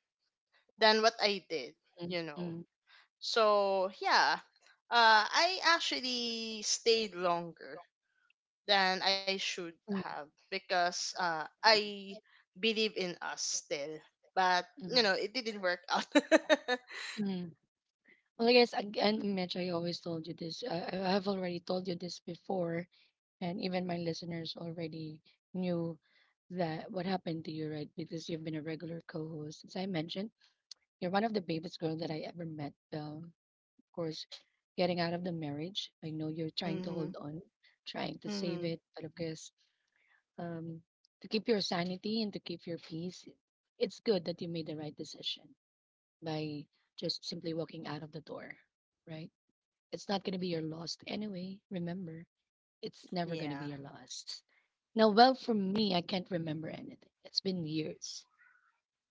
than what I did,
Mm.
you know
mm,
so yeah, uh I actually stayed longer than I should have because uh I believe in us still, but you
mm.
know it didn't work out.
mm. Well, I guess again, Mitch, I always told you this. I, I have already told you this before, and even my listeners already knew that what happened to you, right? Because you've been a regular co-host. As I mentioned, you're one of the bravest girl that I ever met, Belle. Course, getting out of the marriage. I know you're trying to
Mhm.
hold on, trying to save
Mhm.
it, but of course, um, to keep your sanity and to keep your peace, it's good that you made the right decision by just simply walking out of the door, right? It's not going to be your loss anyway. Remember, it's never going to be
Yeah.
your loss. Now, well, for me, I can't remember anything. It's been years.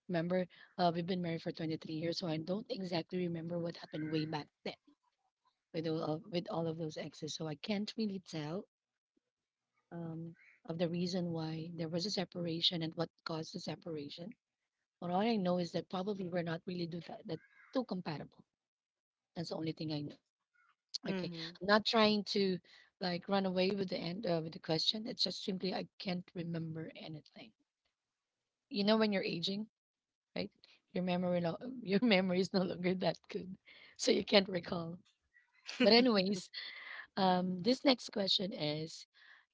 Remember, uh, we've been married for twenty-three years, so I don't exactly remember what happened way back then, with all of, with all of those exes. So I can't really tell, um, of the reason why there was a separation and what caused the separation. But all I know is that probably we're not really do that, that too compatible. That's the only thing I know. Okay,
Mhm.
I'm not trying to like run away with the end uh, with the question. It's just simply I can't remember anything. You know when you're aging, right? Your memory no, your memory is no longer that good, so you can't recall. But anyways, um, this next question is: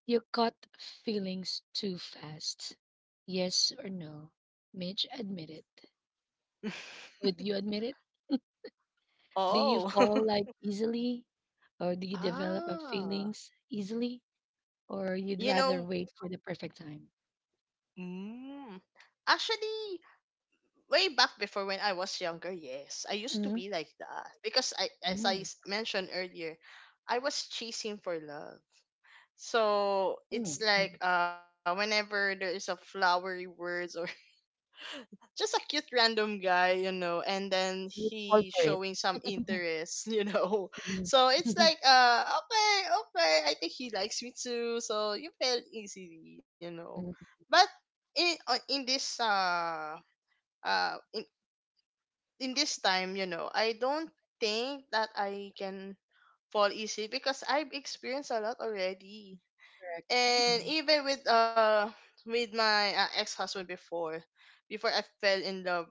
You caught feelings too fast. Yes or no? Mitch, admit it. Would you admit it? Do you
Oh,
fall like easily? Or do you develop a
ah.
feelings easily? Or you'd
you
rather
know,
wait for the perfect time
mm, Actually, way back before when I was younger, yes, I used to be like that because I, as I s- mentioned earlier, I was chasing for love. So it's like, uh, whenever there is a flowery words or just a cute random guy, you know, and then he
for it?
showing some interest, you know.
Mhm,
So it's like, uh, okay, okay, I think he likes me too. So you fell easily, you know.
mhm,
But in uh, in this uh uh in in this time, you know, I don't think that I can fall easily because I've experienced a lot already, and
mhm,
even with uh with my uh, ex husband before, before I fell in love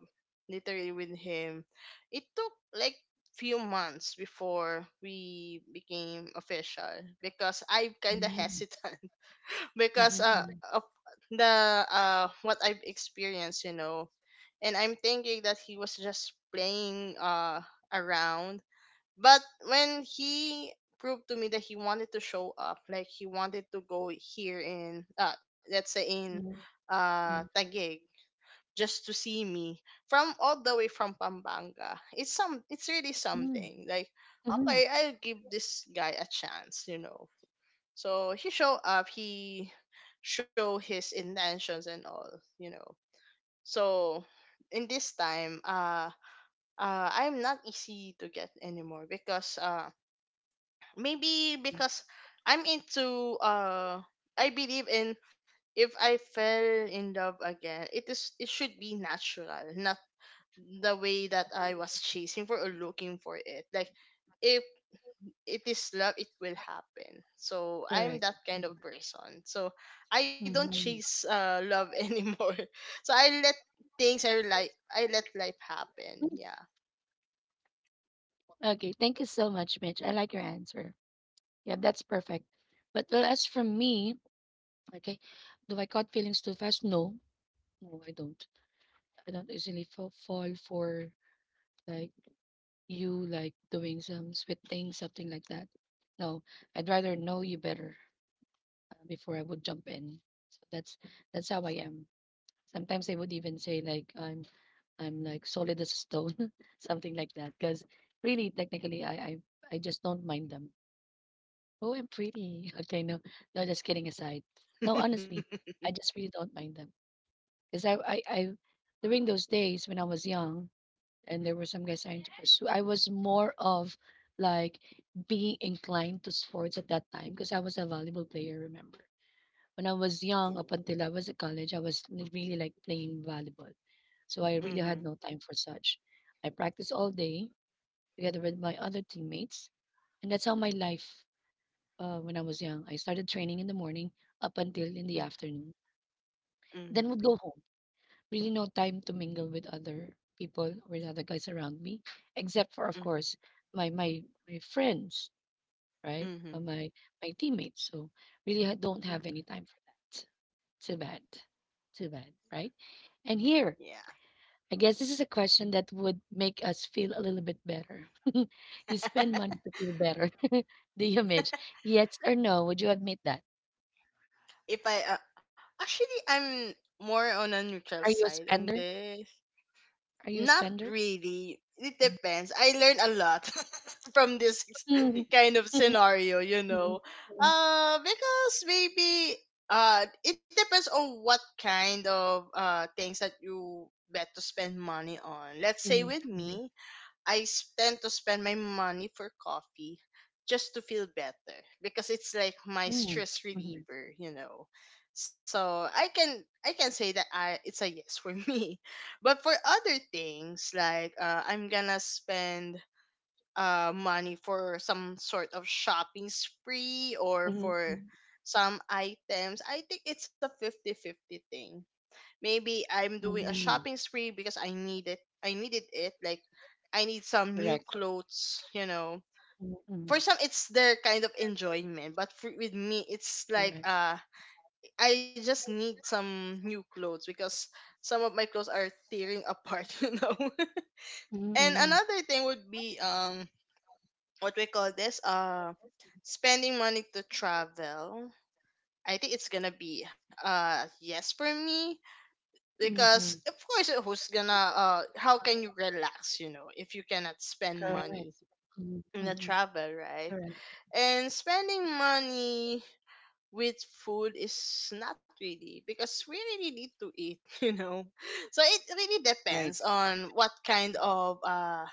literally with him, it took like few months before we became official because I kind of
mhm,
hesitant
mhm,
because uh
mhm,
of the uh what I've experienced, you know. And I'm thinking that he was just playing uh around, but when he proved to me that he wanted to show up, like he wanted to go here in, uh, let's say in
mhm,
uh,
mhm,
Taguig, just to see me, from all the way from Pampanga, it's some, it's really
mhm,
something. Like,
mhm.
okay, I'll give this guy a chance, you know. So he showed up, he show his intentions and all, you know. So in this time, uh, uh, I'm not easy to get anymore because uh, maybe because I'm into uh I believe in, if I fell in love again, it is it should be natural, not the way that I was chasing for or looking for it. Like if it is love, it will happen. So I'm
Correct.
that kind
Mhm,
of person. So I don't
mhm.
chase uh love anymore. So I let things I like I let life happen. Yeah.
Okay, thank you so much, Mitch. I like your answer. Yeah, that's perfect. But well, as for me, okay, do I caught feelings too fast? No, no, I don't. I don't usually fa- fall for like you like doing some sweet thing, something like that. No, I'd rather know you better, uh, before I would jump in. So that's that's how I am. Sometimes I would even say like I'm I'm like solid as a stone, something like that. Because really, technically, I I I just don't mind them. Oh, I'm pretty. Okay, no, no, just kidding aside. No, honestly,
Mhm.
I just really don't mind them because I, I, I, during those days when I was young and there were some guys trying to pursue, I was more of like being inclined to sports at that time because I was a volleyball player. Remember, when I was young, up until I was at college, I was li- really like playing volleyball, so I really had
Mhm.
no time for such. I practiced all day together with my other teammates, and that's how my life, uh, when I was young. I started training in the morning up until in the afternoon,
Mhm.
then would go home. Really, no time to mingle with other people or other guys around me, except for, of
Mhm.
course, my my my friends, right? Uh, my my teammates. So really, I don't
Mhm.
have any time for that. Too bad, too bad, right? And here,
Yeah.
I guess this is a question that would make us feel a little bit better. you spend money to feel better. The image, yes or no? Would you admit that?
if I uh, Actually, I'm more on a neutral
Are you a
side on
spender?
this.
Are you a
Not
spender?
really. It depends. I learned a lot from this
Mhm.
kind of
Mhm.
scenario, you
Mhm, mhm,
know.
mhm.
Uh because maybe uh it depends on what kind of uh things that you bet to spend money on. Let's say with me, I s- tend to spend my money for coffee just to feel better because it's like my stress reliever, you know. So I can I can say that I it's a yes for me. But for other things like, uh, I'm gonna spend uh money for some sort of shopping spree or for some items. I think it's a fifty-fifty thing. Maybe I'm doing a shopping
Mhm.
spree because I need it. I needed it. Like I need some new clothes, you know.
Mhm,
For
mhm.
some it's their kind of enjoyment, but for, with me it's like
Correct.
uh I just need some new clothes because some of my clothes are tearing apart, you know.
Mhm,
And
mhm,
another thing would be um what we call this uh spending money to travel. I think it's gonna be uh yes for me because
mhm.
of course who's gonna, uh, how can you relax, you know, if you cannot spend
Correct.
money
Mhm,
in a
mhm.
travel, right?
Correct.
And spending money with food is not really because we really need to eat, you know. So it really
Right.
depends on what kind of uh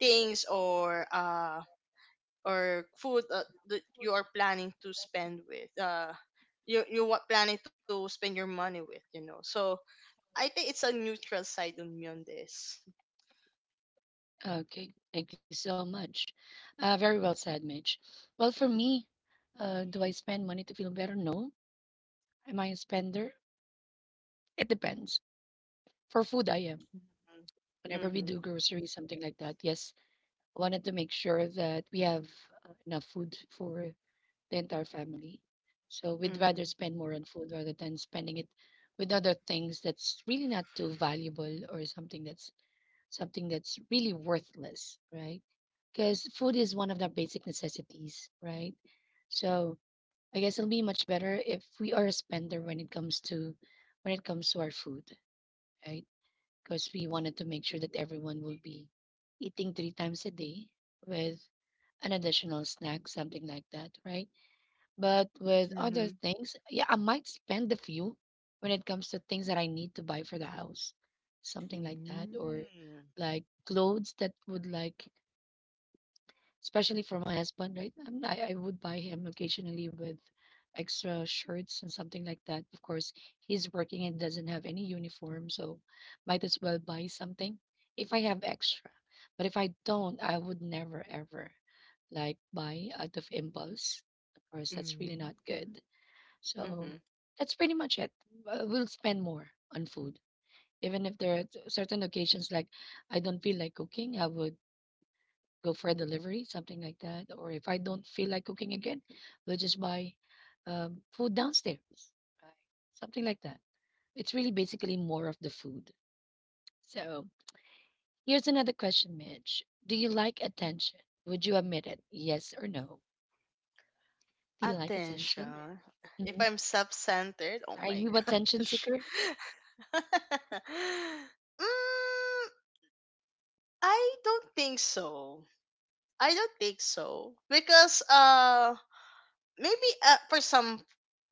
things or uh or food, uh, that you are planning to spend with, uh you you what planning to spend your money with, you know. So I think it's a neutral side on me on this.
Okay. Thank you so much. Uh, very well said, Mitch. Well, for me, uh, do I spend money to feel better? No. Am I a spender? It depends. For food, I am. Whenever we
Mm-hmm.
do groceries, something like that, yes, I wanted to make sure that we have, uh, enough food for the entire family. So we'd rather
Mm-hmm.
spend more on food rather than spending it with other things that's really not too valuable or something that's something that's really worthless, right? Because food is one of the basic necessities, right? So I guess it'll be much better if we are a spender when it comes to when it comes to our food, right? Because we wanted to make sure that everyone will be eating three times a day with an additional snack, something like that, right? But with other
Mm-hmm.
things, yeah, I might spend a few when it comes to things that I need to buy for the house, something like that, or
Mm-hmm.
like clothes that would like especially for my husband, right? Um, I, I would buy him occasionally with extra shirts and something like that. Of course, he's working and doesn't have any uniform, so might as well buy something if I have extra. But if I don't, I would never ever like buy out of impulse. Of course, that's really
Mm-hmm.
not good.
Mm-hmm.
So that's pretty much it. Uh, We'll spend more on food. Even if there are certain occasions like I don't feel like cooking, I would go for a delivery, something like that. Or if I don't feel like cooking again, we'll just buy um, food downstairs, right? Something like that. It's really basically more of the food. So here's another question, Mitch. Do you like attention? Would you admit it? Yes or no? Do you like attention?
Attention. If
Hmm.
I'm self-centered, oh
Are
my
you attention
gosh.
seeker?
mm, I don't think so. I don't think so because uh maybe, uh, for some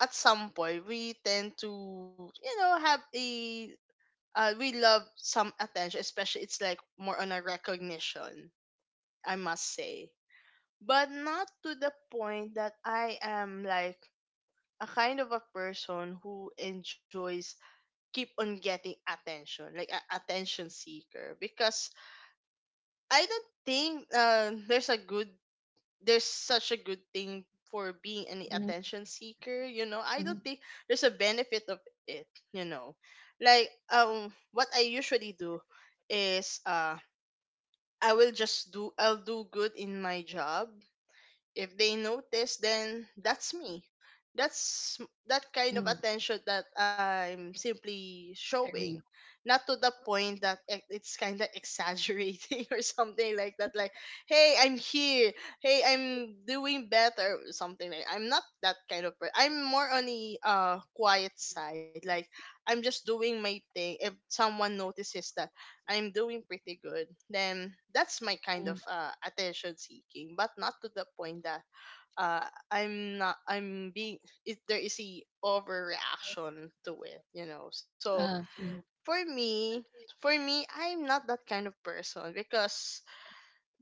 at some point we tend to, you know, have a uh, we love some attention, especially it's like more on a recognition, I must say. But not to the point that I am like a kind of a person who enjoys keep on getting attention, like a attention seeker, because I don't think, uh, there's a good there's such a good thing for being an
Hmm.
attention seeker. You know, I don't think
Hmm.
there's a benefit of it. You know, like um, what I usually do is uh I will just do I'll do good in my job. If they notice, then that's me. That's that kind of
Hmm.
attention that I'm simply showing,
Agreed.
not to the point that e- it's kind of exaggerating or something like that. Like, hey, I'm here. Hey, I'm doing better. Or something. Like I'm not that kind of person. I'm more on the uh quiet side. Like, I'm just doing my thing. If someone notices that I'm doing pretty good, then that's my kind of,
Mm.
uh, attention seeking, but not to the point that, uh, I'm not I'm being it, there is a overreaction to it, you know. So
uh,
for
mm.
me, for me, I'm not that kind of person because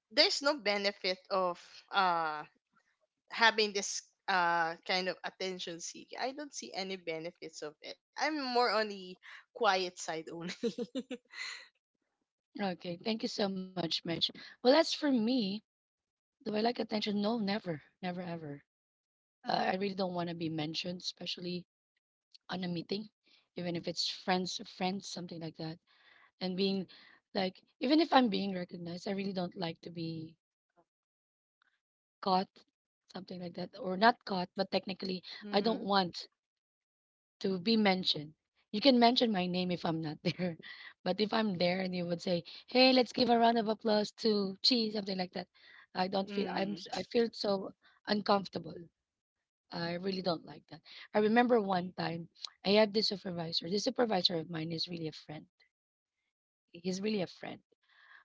there's no benefit of uh having this uh kind of attention seeking. I don't see any benefits of it. I'm more on the quiet side only.
Okay, thank you so much, Mitch. Well, as for me, do I like attention? No, never, never, ever. Uh, I really don't want to be mentioned, especially on a meeting, even if it's friends, friends, something like that. And being like, even if I'm being recognized, I really don't like to be caught, something like that, or not caught, but technically, I don't
Mm-hmm.
want to be mentioned. You can mention my name if I'm not there, but if I'm there and you would say, "Hey, let's give a round of applause to Chi," something like that, I don't feel I'm s-
Mm-hmm.
I feel so uncomfortable. I really don't like that. I remember one time I had this supervisor. This supervisor of mine is really a friend. He's really a friend.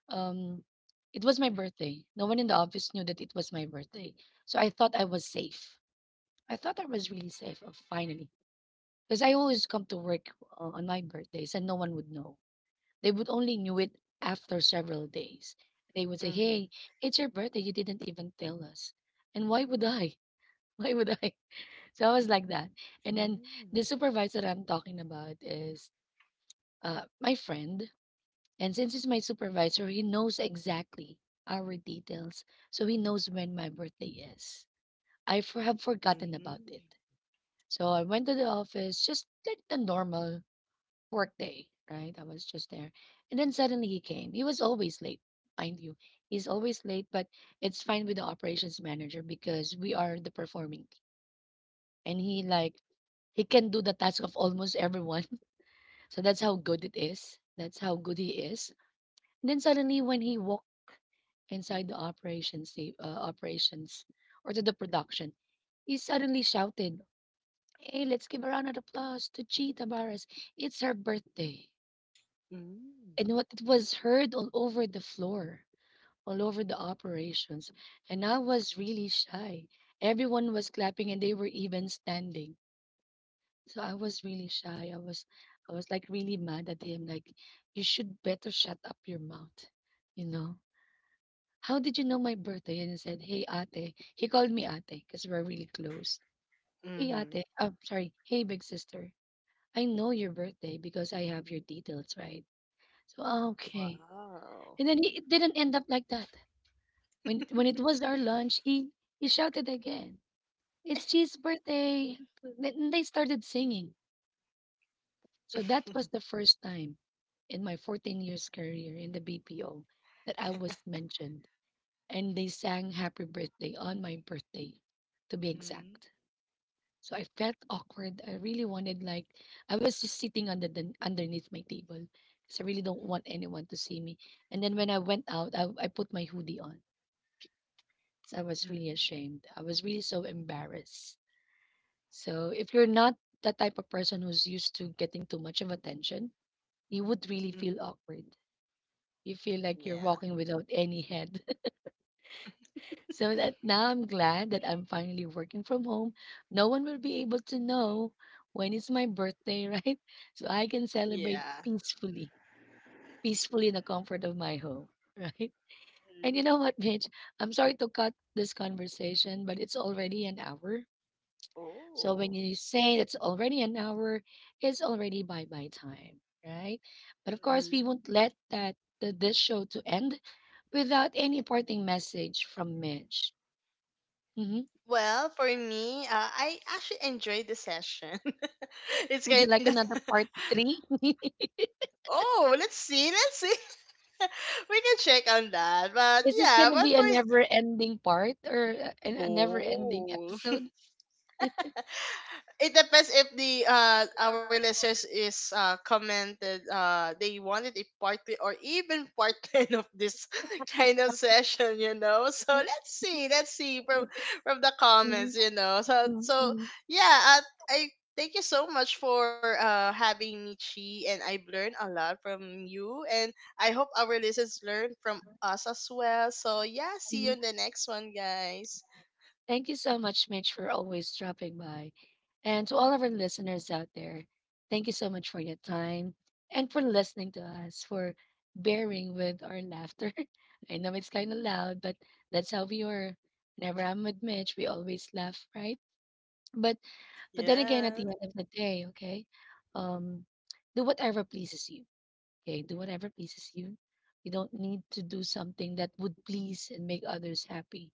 Um, it was my birthday. No one in the office knew that it was my birthday. So I thought I was safe. I thought I was really safe, uh, finally. Because I always come to work uh, on my birthdays and no one would know. They would only knew it after several days. They would say, hey,
Mm-hmm.
it's your birthday. You didn't even tell us. And why would I? Why would I? So I was like that. And then the
Mm.
supervisor that I'm talking about is uh, my friend. And since he's my supervisor, he knows exactly our details. So he knows when my birthday is. I for- have forgotten about
Mm.
it. So I went to the office, just like the normal work day, right? I was just there. And then suddenly he came. He was always late, mind you. He's always late, but it's fine with the operations manager because we are the performing and he like he can do the task of almost everyone. So that's how good it is. That's how good he is. And then suddenly, when he walked inside the operations, sta- uh, operations or to the production, he suddenly shouted, "Hey, let's give a round of applause to Cheetah Barras. It's her birthday."
Mm.
And what it was heard all over the floor, all over the operations, and I was really shy. Everyone was clapping, and they were even standing. So I was really shy. I was I was like really mad at him. Like, you should better shut up your mouth. You know? How did you know my birthday? And he said, hey ate. He called me ate because we're really close. Hey ate.
Mhm.
Oh, sorry. Hey big sister. I know your birthday because I have your details, right? So, "Ah, okay." And
Wow.
then he, it didn't end up like that. When it, when it was our lunch, he he shouted again. It's G's birthday. Then they started singing. So that was the first time in my fourteen years career in the B P O that I was mentioned and they sang happy birthday on my birthday to be
Mm.
exact. So I felt awkward. I really wanted like I was just sitting under the underneath my table because I really don't want anyone to see me. And then when I went out, I, I put my hoodie on. So I was really
Mm.
ashamed. I was really so embarrassed. So if you're not that type of person who's used to getting too much of attention, you would really
Mhm.
feel awkward. You feel like you're
Yeah.
walking without any head. So that now I'm glad that I'm finally working from home. No one will be able to know when it's my birthday, right? So I can celebrate
Yeah.
peacefully, peacefully in the comfort of my home, right? And
Mm.
you know what, Mitch? I'm sorry to cut this conversation, but it's already an hour. So when
Oh.
you say it's already an hour, it's already bye bye time, right? But of course,
Mhm.
we won't let that the, this show to end without any parting message from Mitch. Hmm.
Well, for me, uh, I actually enjoyed the session. It's
Would you
kind
like
of
another part three?
oh, let's see, let's see. We can check on that. But
Is this
yeah,
gonna
but
be a
for
never-ending part or a, a never-ending
oh,
episode?
it depends if the uh our listeners is uh commented uh they wanted a part three or even part ten of this kind of session, you know. So let's see, let's see from from the
Mhm.
comments, you know. So so yeah, I, I thank you so much for uh having me, Chi, and I've learned a lot from you, and I hope our listeners learn from us as well. So yeah, see you in the next one, guys.
Thank you so much, Mitch, for always dropping by. And to all of our listeners out there, thank you so much for your time and for listening to us, for bearing with our laughter. I know it's kind of loud, but that's how we are. Whenever I'm with Mitch, we always laugh, right? But But then again, at the
Yeah.
end of the day, okay, um, do whatever pleases you. Okay, do whatever pleases you. You don't need to do something that would please and make others happy.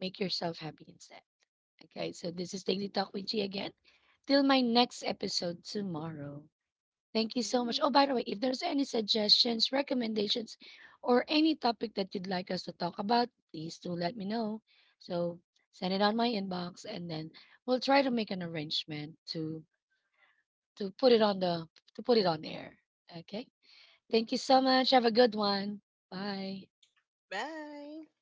Make yourself happy instead. Okay, so this is Daily Talk with G again. Till my next episode tomorrow. Thank you so much. Oh, by the way, if there's any suggestions, recommendations, or any topic that you'd like us to talk about, please do let me know. So send it on my inbox and then we'll try to make an arrangement to to put it on the to put it on air. Okay. Thank you so much. Have a good one. Bye.
Bye.